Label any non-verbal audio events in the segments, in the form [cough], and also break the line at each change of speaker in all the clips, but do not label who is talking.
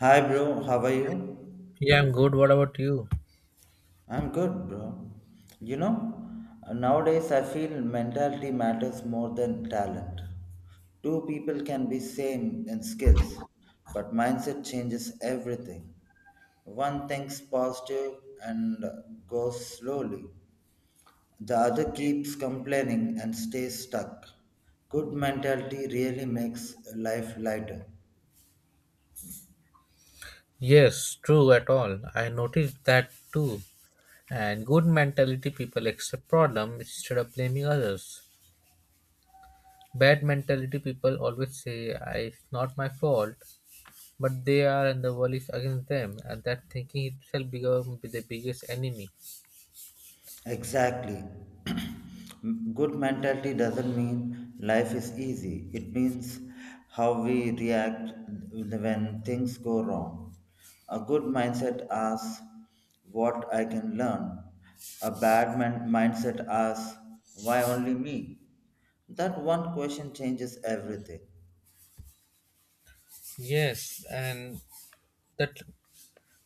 Hi, bro. How are you?
Yeah, I'm good. What about you?
I'm good, bro. You know, nowadays I feel mentality matters more than talent. Two people can be same in skills, but mindset changes everything. One thinks positive and goes slowly. The other keeps complaining and stays stuck. Good mentality really makes life lighter.
Yes, true at all. I noticed that too. And good mentality people accept problem instead of blaming others. Bad mentality people always say, It's not my fault," but they are and the world is against them, and that thinking itself becomes the biggest enemy.
Exactly. [clears throat] Good mentality doesn't mean life is easy. It means how we react when things go wrong. A good mindset asks what I can learn. A mindset asks why only me. That one question changes everything.
Yes, and that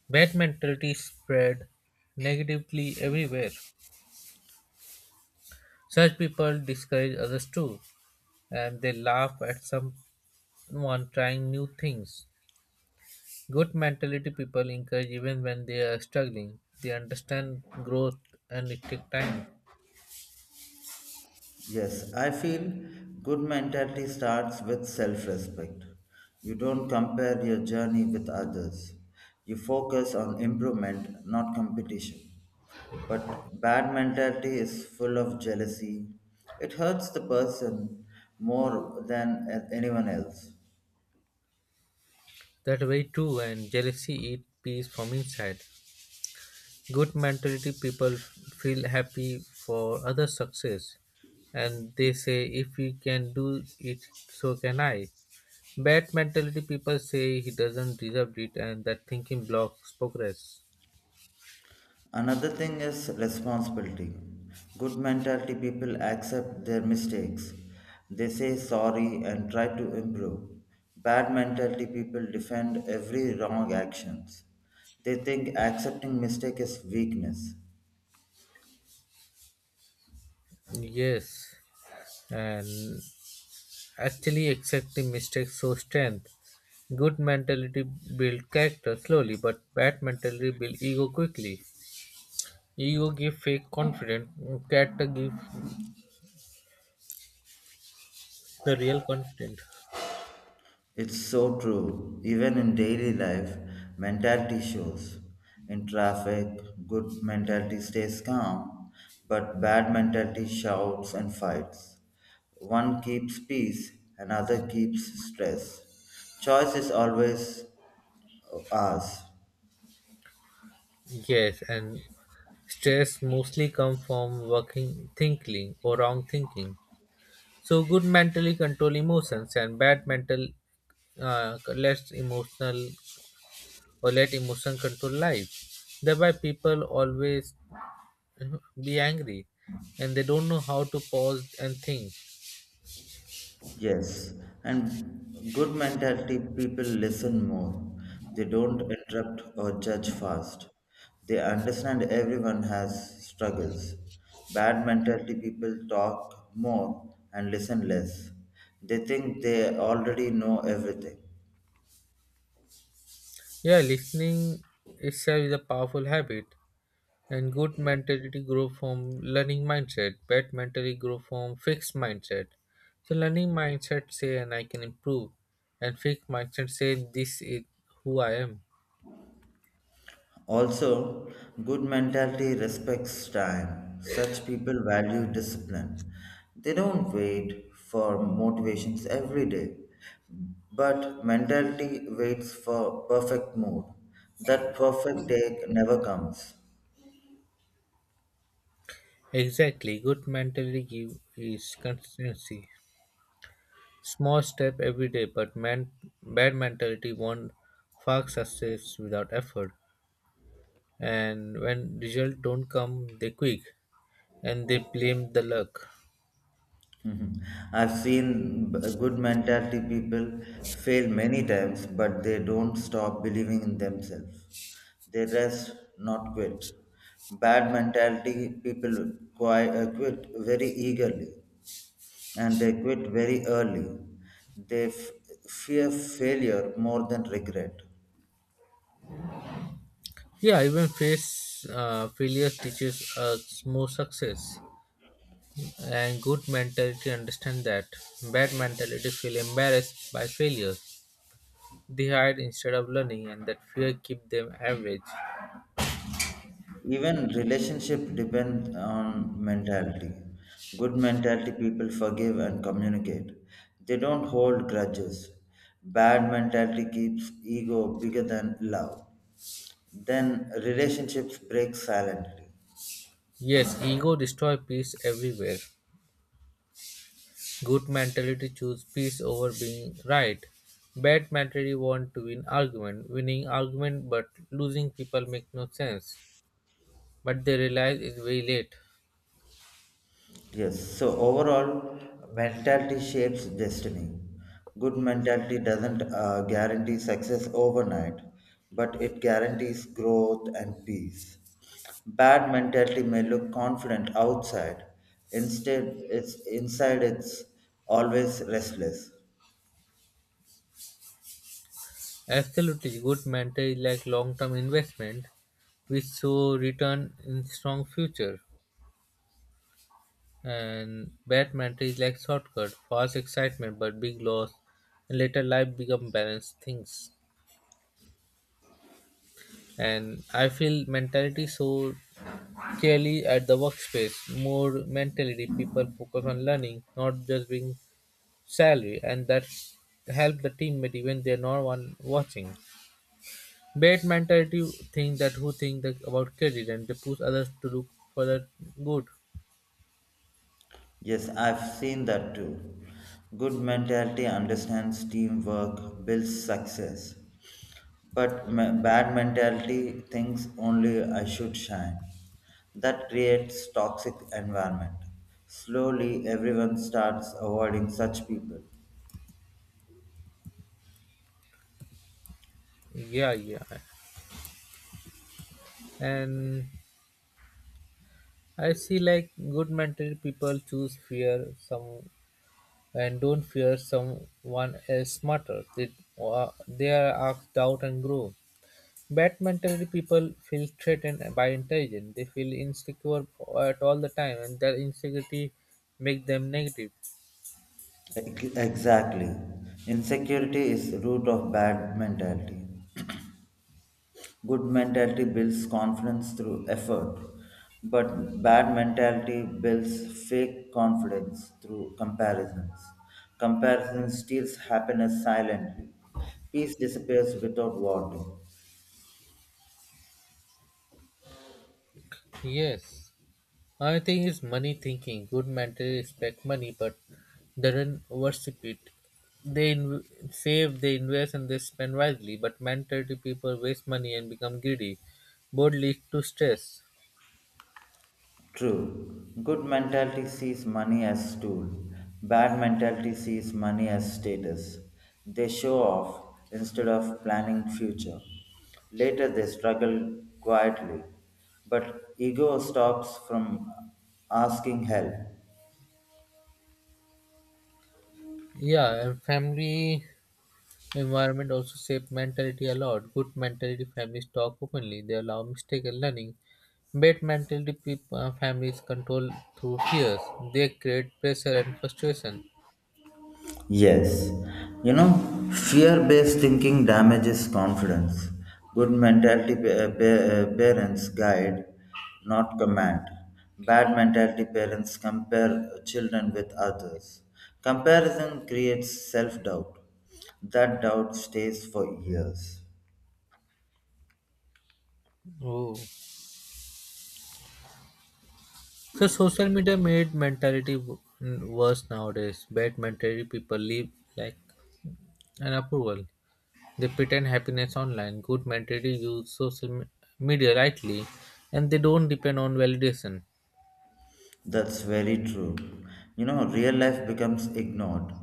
bad mentality spread negatively everywhere. Such people discourage others too, and they laugh at some one trying new things. Good mentality people encourage even when they are struggling. They understand growth and it takes time.
Yes, I feel good mentality starts with self respect. You don't compare your journey with others. You focus on improvement, not competition. But bad mentality is full of jealousy. It hurts the person more than anyone else.
That way too, and jealousy eat peace from inside. Good mentality people feel happy for other success, and they say, "If he can do it, so can I." Bad mentality people say he doesn't deserve it, and that thinking blocks progress.
Another thing is responsibility. Good mentality people accept their mistakes. They say sorry and try to improve. Bad mentality people defend every wrong actions. They think accepting mistake is weakness.
Yes, and Actually, exactly mistakes show strength. Good mentality build character slowly, but bad mentality build ego quickly. Ego give fake confidence, character give the real confidence.
It's so true. Even in daily life, mentality shows. In traffic, good mentality stays calm, but bad mentality shouts and fights. One keeps peace, another keeps stress. Choice is always ours.
Yes, and stress mostly come from working thinking or wrong thinking. So good mentally control emotions and bad mental less emotional or let emotion control life. Thereby people always be angry and they don't know how to pause and think.
Yes, and good mentality people listen more. They don't interrupt or judge fast. They understand everyone has struggles. Bad mentality people talk more and listen less. They think they already know everything.
Yeah, listening itself is a powerful habit, and good mentality grow from learning mindset, bad mentality grow from fixed mindset. So learning mindset say and I can improve, and fixed mindset say this is who I am.
Also, good mentality respects time. Such people value discipline. They don't wait for motivations every day, but mentality waits for perfect mood. That perfect day never comes.
Exactly, good mentality give is consistency, small step every day, but man, bad mentality want fast success without effort, and when results don't come they quick and they blame the luck.
Mhm. I've seen good mentality people fail many times, but they don't stop believing in themselves. They rest, not quit. Bad mentality people quit very eagerly and they quit very early. They fear failure more than regret.
Yeah, even face failure teaches us more success, and good mentality understand that. Bad mentality feel embarrassed by failure, they hide instead of learning, and that fear keep them average.
Even relationship depend on mentality. Good mentality people forgive and communicate. They don't hold grudges. Bad mentality keeps ego bigger than love. Then relationships break silently.
Yes, ego destroy peace everywhere. Good mentality choose peace over being right. Bad mentality want to win argument, winning argument but losing people make no sense, but they realize it's very late.
Yes, so overall, mentality shapes destiny. Good mentality doesn't guarantee success overnight, but it guarantees growth and peace. Bad mentality may look confident outside, instead, it's inside it's always restless.
Absolutely, good mentor is like long-term investment, which show return in strong future, and bad mentor is like shortcut, fast excitement but big loss, and later life become balanced things. And I feel mentality so clearly at the workspace. More mentality, people focus on learning, not just being salary, and that help the teammate even they're not one watching. Bad mentality think that, who think that about career, and they push others to look for the good.
Yes, I've seen that too. Good mentality understands teamwork, builds success, but bad mentality thinks only I should shine. That creates toxic environment. Slowly, everyone starts avoiding such people.
Yeah, yeah. And I see like good mentality people choose fear some and don't fear someone else smarter. They are asked doubt and grow. Bad mentality people feel threatened by intelligence. They feel insecure at all the time and their insecurity make them negative.
Exactly. Insecurity is the root of bad mentality. Good mentality builds confidence through effort, but bad mentality builds fake confidence through comparisons. Comparison steals happiness silently. Peace disappears without warning.
Yes. I think it's money thinking. Good mentors respect money, but they don't worship it. They inv- Save, they invest, and they spend wisely. But mentality people waste money and become greedy. Both lead to stress.
True. Good mentality sees money as tool. Bad mentality sees money as status. They show off instead of planning future. Later they struggle quietly, but ego stops from asking help.
Yeah, and family environment also shape mentality a lot. Good mentality families talk openly. They allow mistake and learning. Bad mentality people, families control through fears. They create pressure and frustration.
Yes, you know, fear based thinking damages confidence. Good mentality parents guide, not command. Bad mentality parents compare children with others. Comparison creates self doubt. That doubt stays for years.
Oh. So social media made worse nowadays. Bad mentality people live like an approval. They pretend happiness online. Good mentality use media rightly, and they don't depend on validation.
That's very true. You know, real life becomes ignored.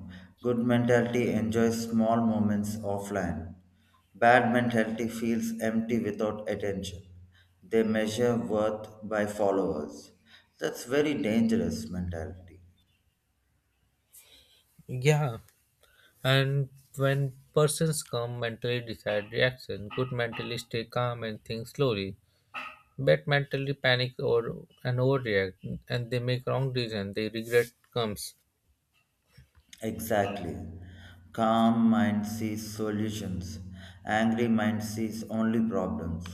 Good mentality enjoys small moments offline. Bad mentality feels empty without attention. They measure worth by followers. That's very dangerous mentality.
Yeah, and when persons come mentally decide reaction. Good mentally stay calm and think slowly. Bad mentally panic or and overreact, and they make wrong decision. They regret comes.
Exactly. Calm mind sees solutions. Angry mind sees only problems.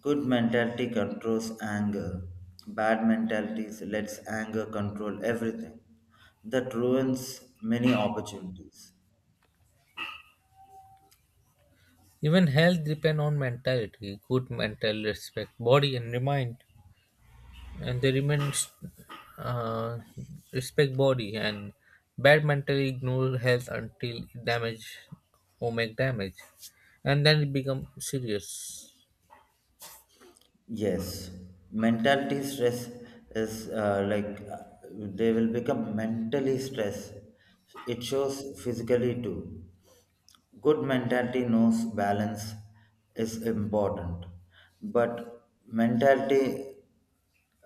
Good mentality controls anger. Bad mentality lets anger control everything. That ruins many opportunities.
Even health depend on mentality. Good mental respect, body and mind, and they remain uh, respect body, and bad mental ignore health until it damage or make damage, and then it become serious.
Yes, mentality stress is like they will become mentally stressed. It shows physically too. Good mentality knows balance is important, but mentality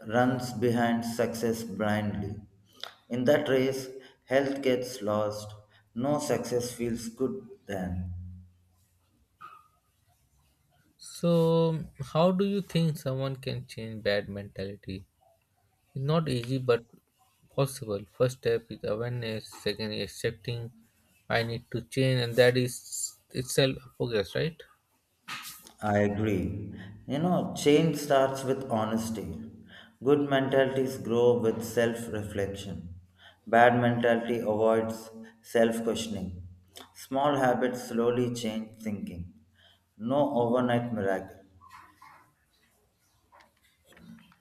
runs behind success blindly. In that race, health gets lost. No success feels good then.
So, how do you think someone can change bad mentality? It's not easy, but possible. First step is awareness. Second, is accepting I need to change, and that is itself a progress, right?
I agree. You know, change starts with honesty. Good mentalities grow with self reflection. Bad mentality avoids self questioning. Small habits slowly change thinking. No overnight miracle.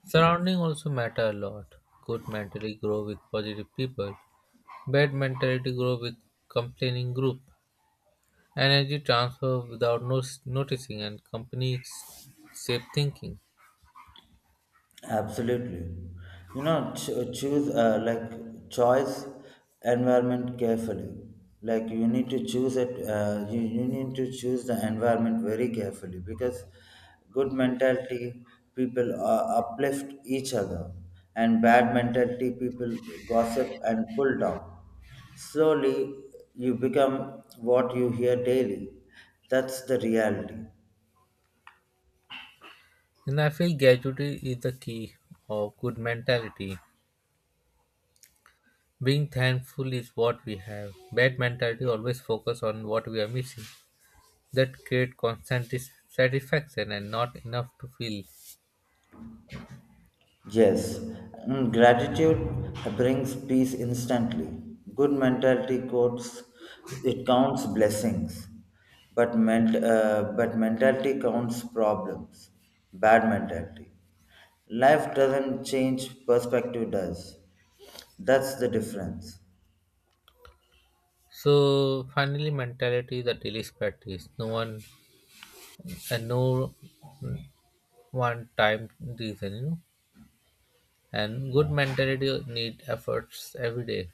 Surrounding also matter a lot. Good mentality grow with positive people. Bad mentality grow with complaining group. Energy transfer without noticing, and company safe thinking.
Absolutely. You know, cho- choose like choice environment carefully. Like you need to choose it. You need to choose the environment very carefully because good mentality people uplift each other, and bad mentality people gossip and pull down. Slowly, you become what you hear daily. That's the reality.
And I feel gratitude is the key of good mentality. Being thankful is what we have. Bad mentality always focus on what we are missing. That create constant dissatisfaction and not enough to feel.
Yes, and gratitude brings peace instantly. Good mentality counts, it counts blessings, but mentality counts problems. Bad mentality. Life doesn't change, perspective does. That's the difference.
So finally mentality is a daily practice. No one and no one time reason, you know, and good
Yeah.
mentality need efforts every day.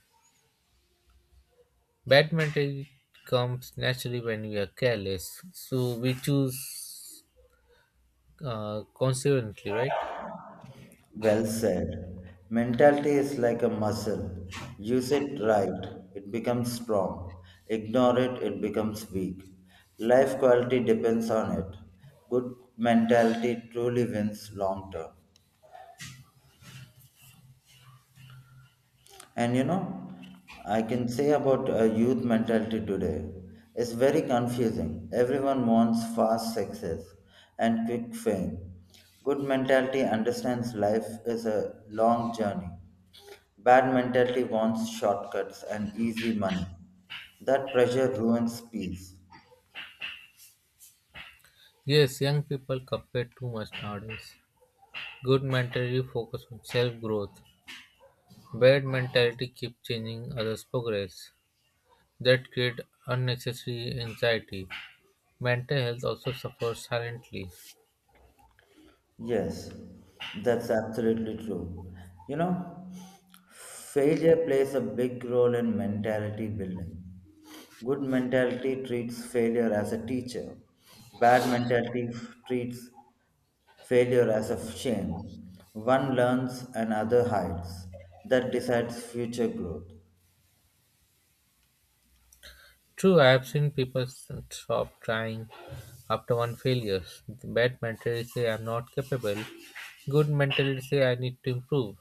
Bad mentality comes naturally when we are careless, so we choose consequently, right?
Well said. Mentality is like a muscle. Use it right, it becomes strong. Ignore it, it becomes weak. Life quality depends on it. Good mentality truly wins long term. And you know, I can say about youth mentality today. It's very confusing. Everyone wants fast success and quick fame. Good mentality understands life is a long journey. Bad mentality wants shortcuts and easy money. That pressure ruins peace.
Yes, young people compare too much nowadays. Good mentality focus on self growth. Bad mentality keep changing others progress. That create unnecessary anxiety. Mental health also suffers silently.
Yes, that's absolutely true. You know, failure plays a big role in mentality building. Good mentality treats failure as a teacher, bad mentality treats failure as a shame. One learns and other hides. That decides future growth.
True, I have seen people stop trying after one failure. Bad mentality say I'm not capable. Good mentality say I need to improve.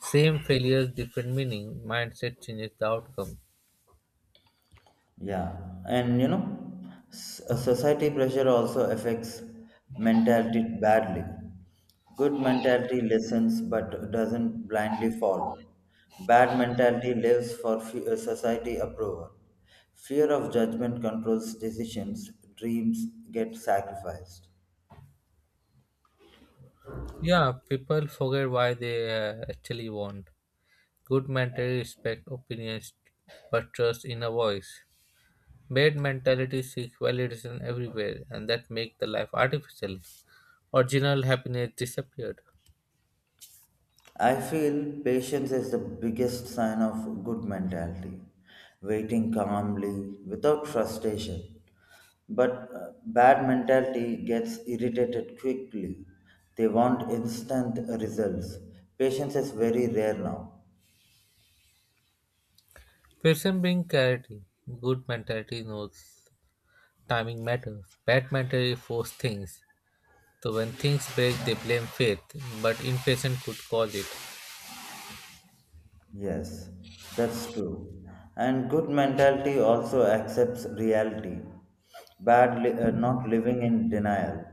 Same failures, different meaning. Mindset changes the outcome.
Yeah, and you know, society pressure also affects mentality badly. Good mentality listens but doesn't blindly follow. Bad mentality lives for society approval. Fear of judgment controls decisions, dreams get sacrificed.
Yeah, people forget why they actually want. Good mentality respect opinions but trust inner voice. Bad mentality seeks validation everywhere, and that make the life artificial. Original happiness disappeared.
I feel patience is the biggest sign of good mentality, waiting calmly without frustration. But bad mentality gets irritated quickly. They want instant results. Patience is very rare now.
Patience bring clarity. Good mentality knows timing matters. Bad mentality force things. So when things break, they blame faith, but impatience could cause it.
Yes, that's true. And good mentality also accepts reality. Not living in denial.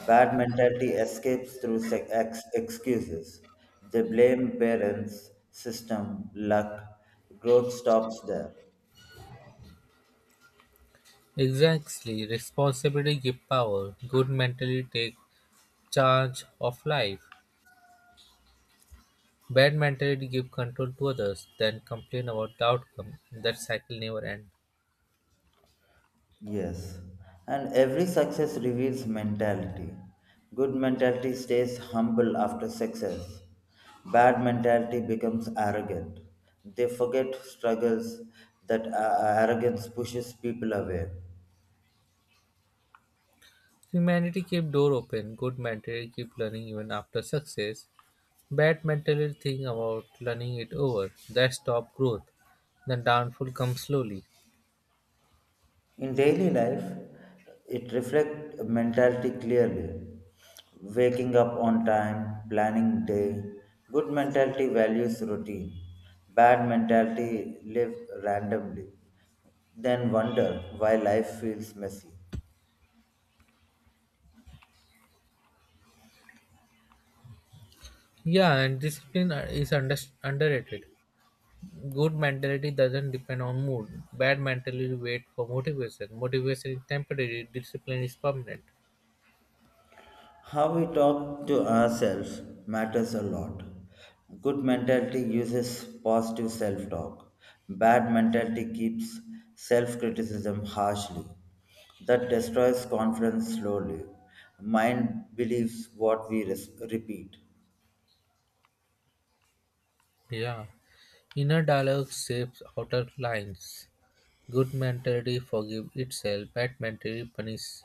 Bad mentality escapes through excuses. They blame parents, system, luck. Growth stops there.
Exactly, responsibility give power. Good mentality take charge of life. Bad mentality give control to others, then complain about the outcome. That cycle never ends.
Yes, and every success reveals mentality. Good mentality stays humble after success. Bad mentality becomes arrogant. They forget struggles that arrogance pushes people away.
Humanity keep door open. Good mentality keep learning even after success. Bad mentally think about learning it over. That stop growth. The downfall comes slowly.
In daily life, it reflects mentality clearly. Waking up on time, planning day, good mentality values routine. Bad mentality live randomly, then wonder why life feels messy.
Yeah, and discipline underrated. Good mentality doesn't depend on mood. Bad mentality wait for motivation. Motivation is temporary. Discipline is permanent.
How we talk to ourselves matters a lot. Good mentality uses positive self talk. Bad mentality keeps self criticism harshly. That destroys confidence slowly. Mind believes what we repeat.
Yeah. Inner dialogue shapes outer lines. Good mentality forgive itself, bad mentality punish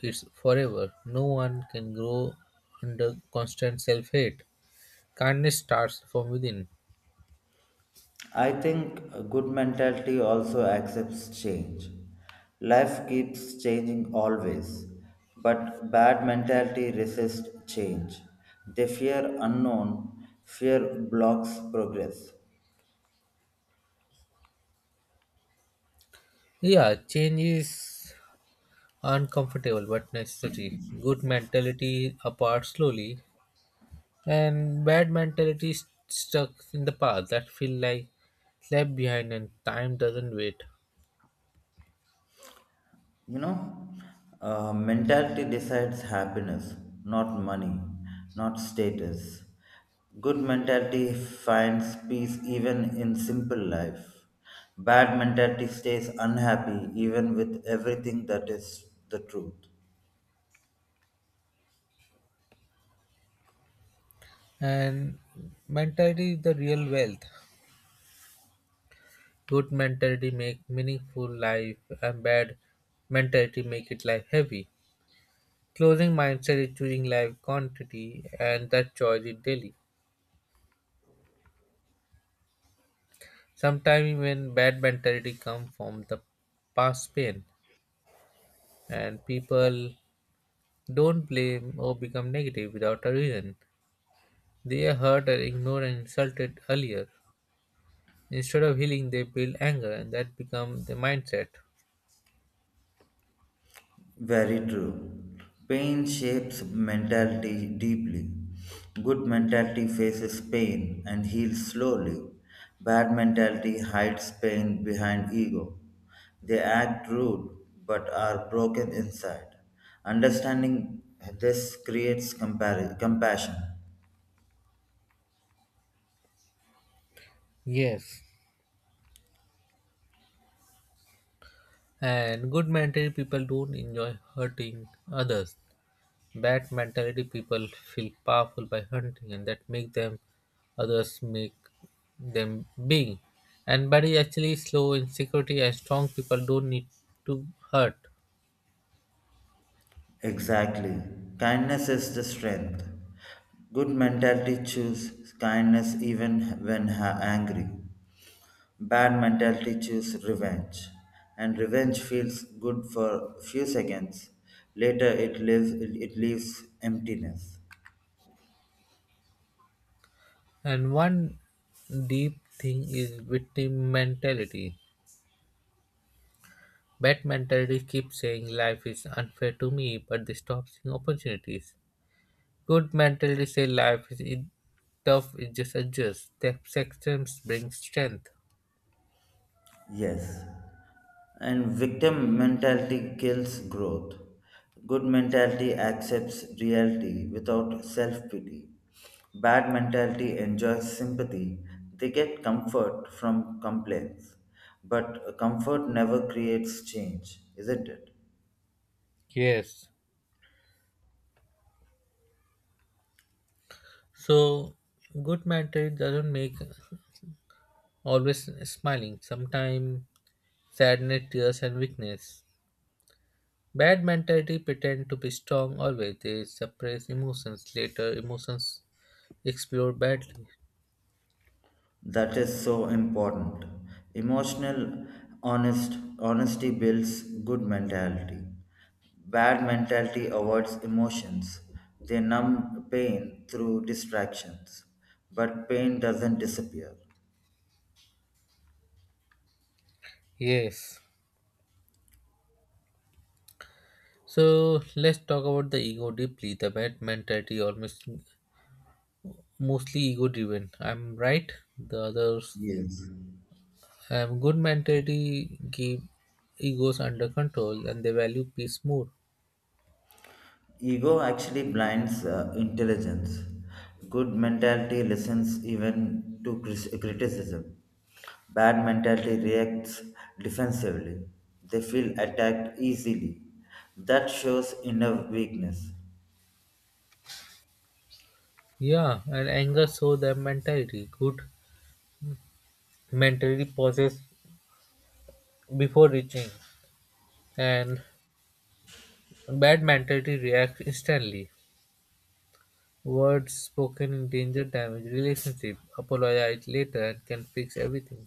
it forever. No one can grow under constant self hate. Kindness starts from within.
I think a good mentality also accepts change. Life keeps changing always, but bad mentality resists change. They fear unknown, fear blocks progress.
Yeah, change is uncomfortable but necessary. Good mentality apart slowly, and bad mentality is stuck in the past, that feel like left behind and time doesn't wait.
You know, mentality decides happiness, not money, not status. Good mentality finds peace even in simple life. Bad mentality stays unhappy even with everything. That is the truth.
And mentality is the real wealth. Good mentality make meaningful life, and bad mentality make it life heavy. Closing mindset is choosing life quantity, and that choice is daily. Sometimes even bad mentality come from the past pain, and people don't blame or become negative without a reason. They are hurt and ignored and insulted earlier. Instead of healing they build anger and that becomes the mindset.
Very true. Pain shapes mentality deeply. Good mentality faces pain and heals slowly. Bad mentality hides pain behind ego. They act rude but are broken inside. Understanding this creates compassion.
Yes. And good mentality people don't enjoy hurting others. Bad mentality people feel powerful by hunting, and that make them others make them big. And but is actually slow insecurity security, and strong people don't need to hurt.
Exactly. Kindness is the strength. Good mentality choose kindness even when angry. Bad mentality choose revenge. And revenge feels good for few seconds. Later it leaves emptiness.
And one deep thing is victim mentality. Bad mentality keeps saying life is unfair to me, but they stop seeing opportunities. Good mentality say life is tough, it just adjusts. The acceptance brings strength.
Yes, and victim mentality kills growth. Good mentality accepts reality without self pity. Bad mentality enjoys sympathy. They get comfort from complaints. But comfort never creates change, isn't it?
Yes. So good mentor doesn't make always smiling, sometimes sadness, tears and weakness. Bad mentality pretend to be strong always. They suppress emotions. Later emotions explode badly.
That is so important. Emotional honest honesty builds good mentality. Bad mentality avoids emotions. They numb pain through distractions, but pain doesn't disappear.
Yes. So let's talk about the ego deeply. The bad mentality almost mostly ego driven. I'm right. The others
Yes.
good mentality keep egos under control and they value peace more.
Ego actually blinds intelligence. Good mentality listens even to criticism. Bad mentality reacts defensively. They feel attacked easily. That shows inner weakness.
Yeah, and anger shows their mentality. Good mentality pauses before reaching, and bad mentality reacts instantly. Words spoken in danger damage relationship. Apologize later and can fix everything.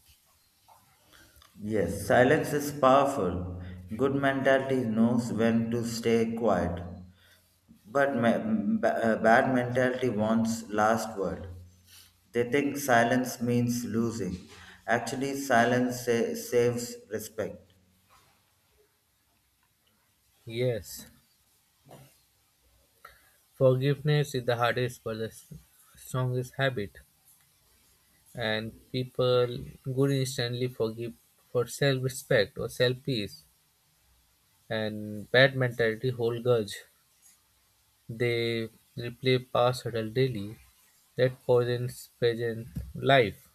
Yes, silence is powerful. Good mentality knows when to stay quiet. But bad mentality wants last word. They think silence means losing. Actually, silence saves respect.
Yes, forgiveness is the hardest but the strongest habit, and people good instantly forgive for self-respect or self-peace, and bad mentality hold grudge. They replay past Shuttle daily, that Poison's present life.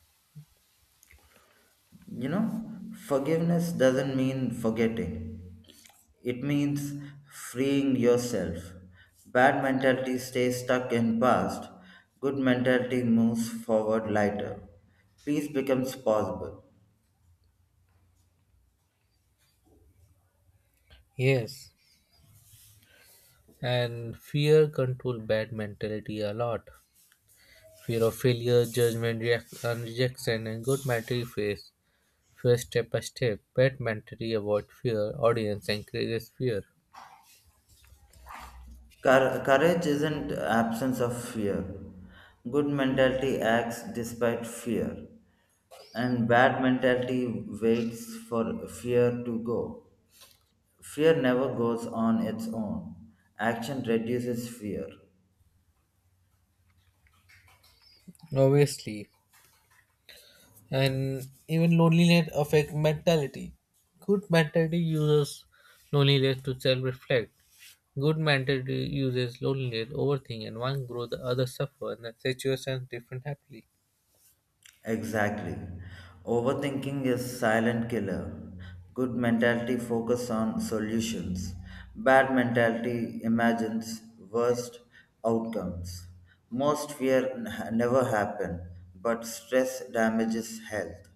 You know, forgiveness doesn't mean forgetting, it means freeing yourself. Bad mentality stays stuck in past, good mentality moves forward lighter. Peace becomes possible.
Yes. And fear control bad mentality a lot. Fear of failure, judgment, reaction, rejection, and good mentality face. First step by step, bad mentality avoid fear, audience encourages fear.
Courage isn't absence of fear. Good mentality acts despite fear, and bad mentality waits for fear to go. Fear never goes on its own. Action reduces fear.
Obviously. And even loneliness affect mentality. Good mentality uses loneliness to self reflect. Good mentality uses loneliness, overthink, and one grow, the other suffer, and the situations different happily.
Exactly. Overthinking is silent killer. Good mentality focus on solutions. Bad mentality imagines worst outcomes. Most fear never happen, but stress damages health.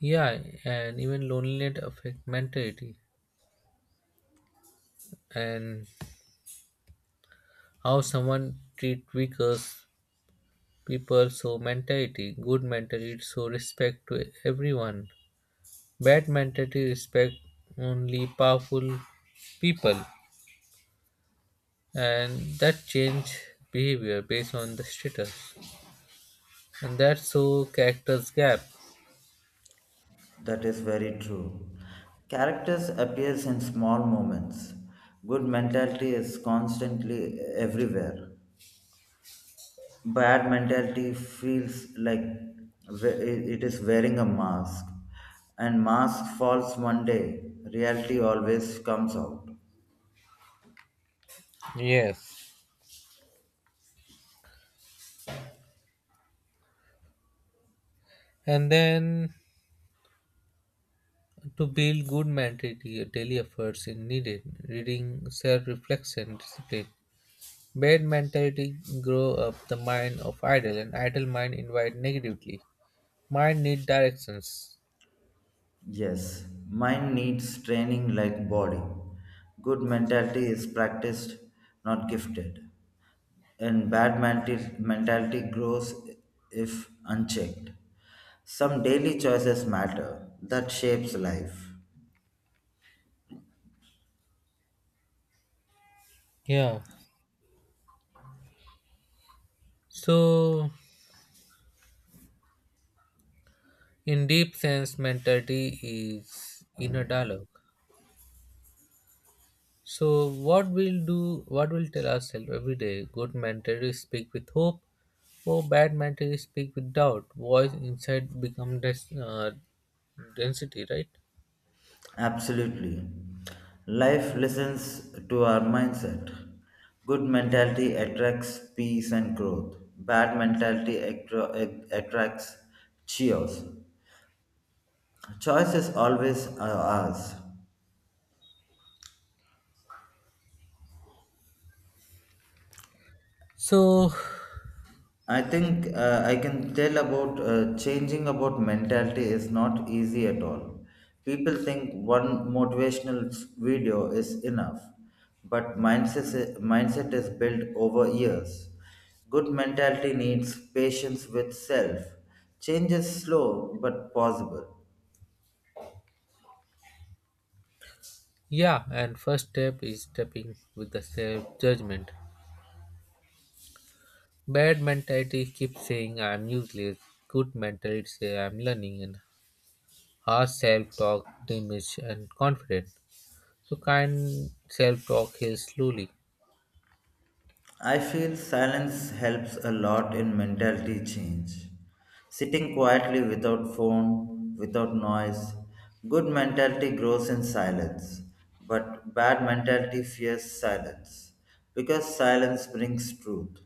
Yeah, and even loneliness affect mentality, and how someone treat weaker people. So mentality, good mentality, so respect to everyone. Bad mentality respect only powerful people, and that change behavior based on the status, and that's so characters gap.
That is very true. Characters appears in small moments. Good mentality is constantly everywhere. Bad mentality feels like we- it is wearing a mask, and mask falls one day. Reality always comes out.
Yes. And then to build good mentality, daily efforts is needed. Reading, self-reflection, discipline. Bad mentality grow up the mind of idle, and idle mind invite negatively. Mind need directions.
Yes, mind needs training like body. Good mentality is practiced, not gifted, and mentality grows if unchecked. Some daily choices matter. That shapes life.
Yeah. So, in deep sense, mentality is inner dialogue. So, what we'll do, what we'll tell ourselves every day. Good mentality speak with hope, or bad mentality speak with doubt. Voice inside become density, right?
Absolutely. Life listens to our mindset. Good mentality attracts peace and growth. Bad mentality attracts chaos. Choice is always ours.
So,
I think I can tell about changing about mentality is not easy at all. People think one motivational video is enough, but mindset is built over years. Good mentality needs patience with self. Change is slow but possible.
yeah, and first step is stepping with the self judgment. Bad mentality keeps saying I'm useless. Good mentality say I'm learning, and harsh self talk damage, and confident. So kind self talk heals slowly.
I feel silence helps a lot in mentality change. Sitting quietly without phone, without noise. Good mentality grows in silence, but bad mentality fears silence because silence brings truth.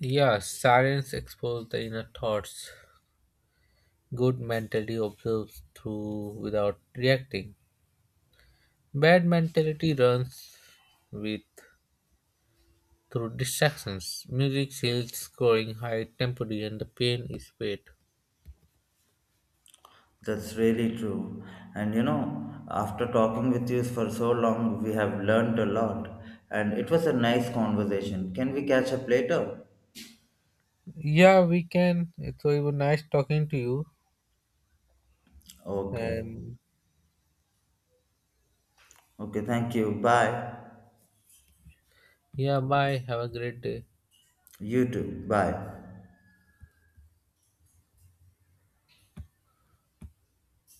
Yeah, silence exposes the inner thoughts. Good mentality observes through without reacting. Bad mentality runs with through distractions. Music shields scoring high temporary and the pain is paid.
That's really true. And you know, after talking with you for so long, we have learned a lot. And it was a nice conversation. Can we catch up later?
Yeah, we can. So it was nice talking to you.
Okay.
And
Okay, thank you. Bye.
yeah, bye. Have a great day.
You too. Bye.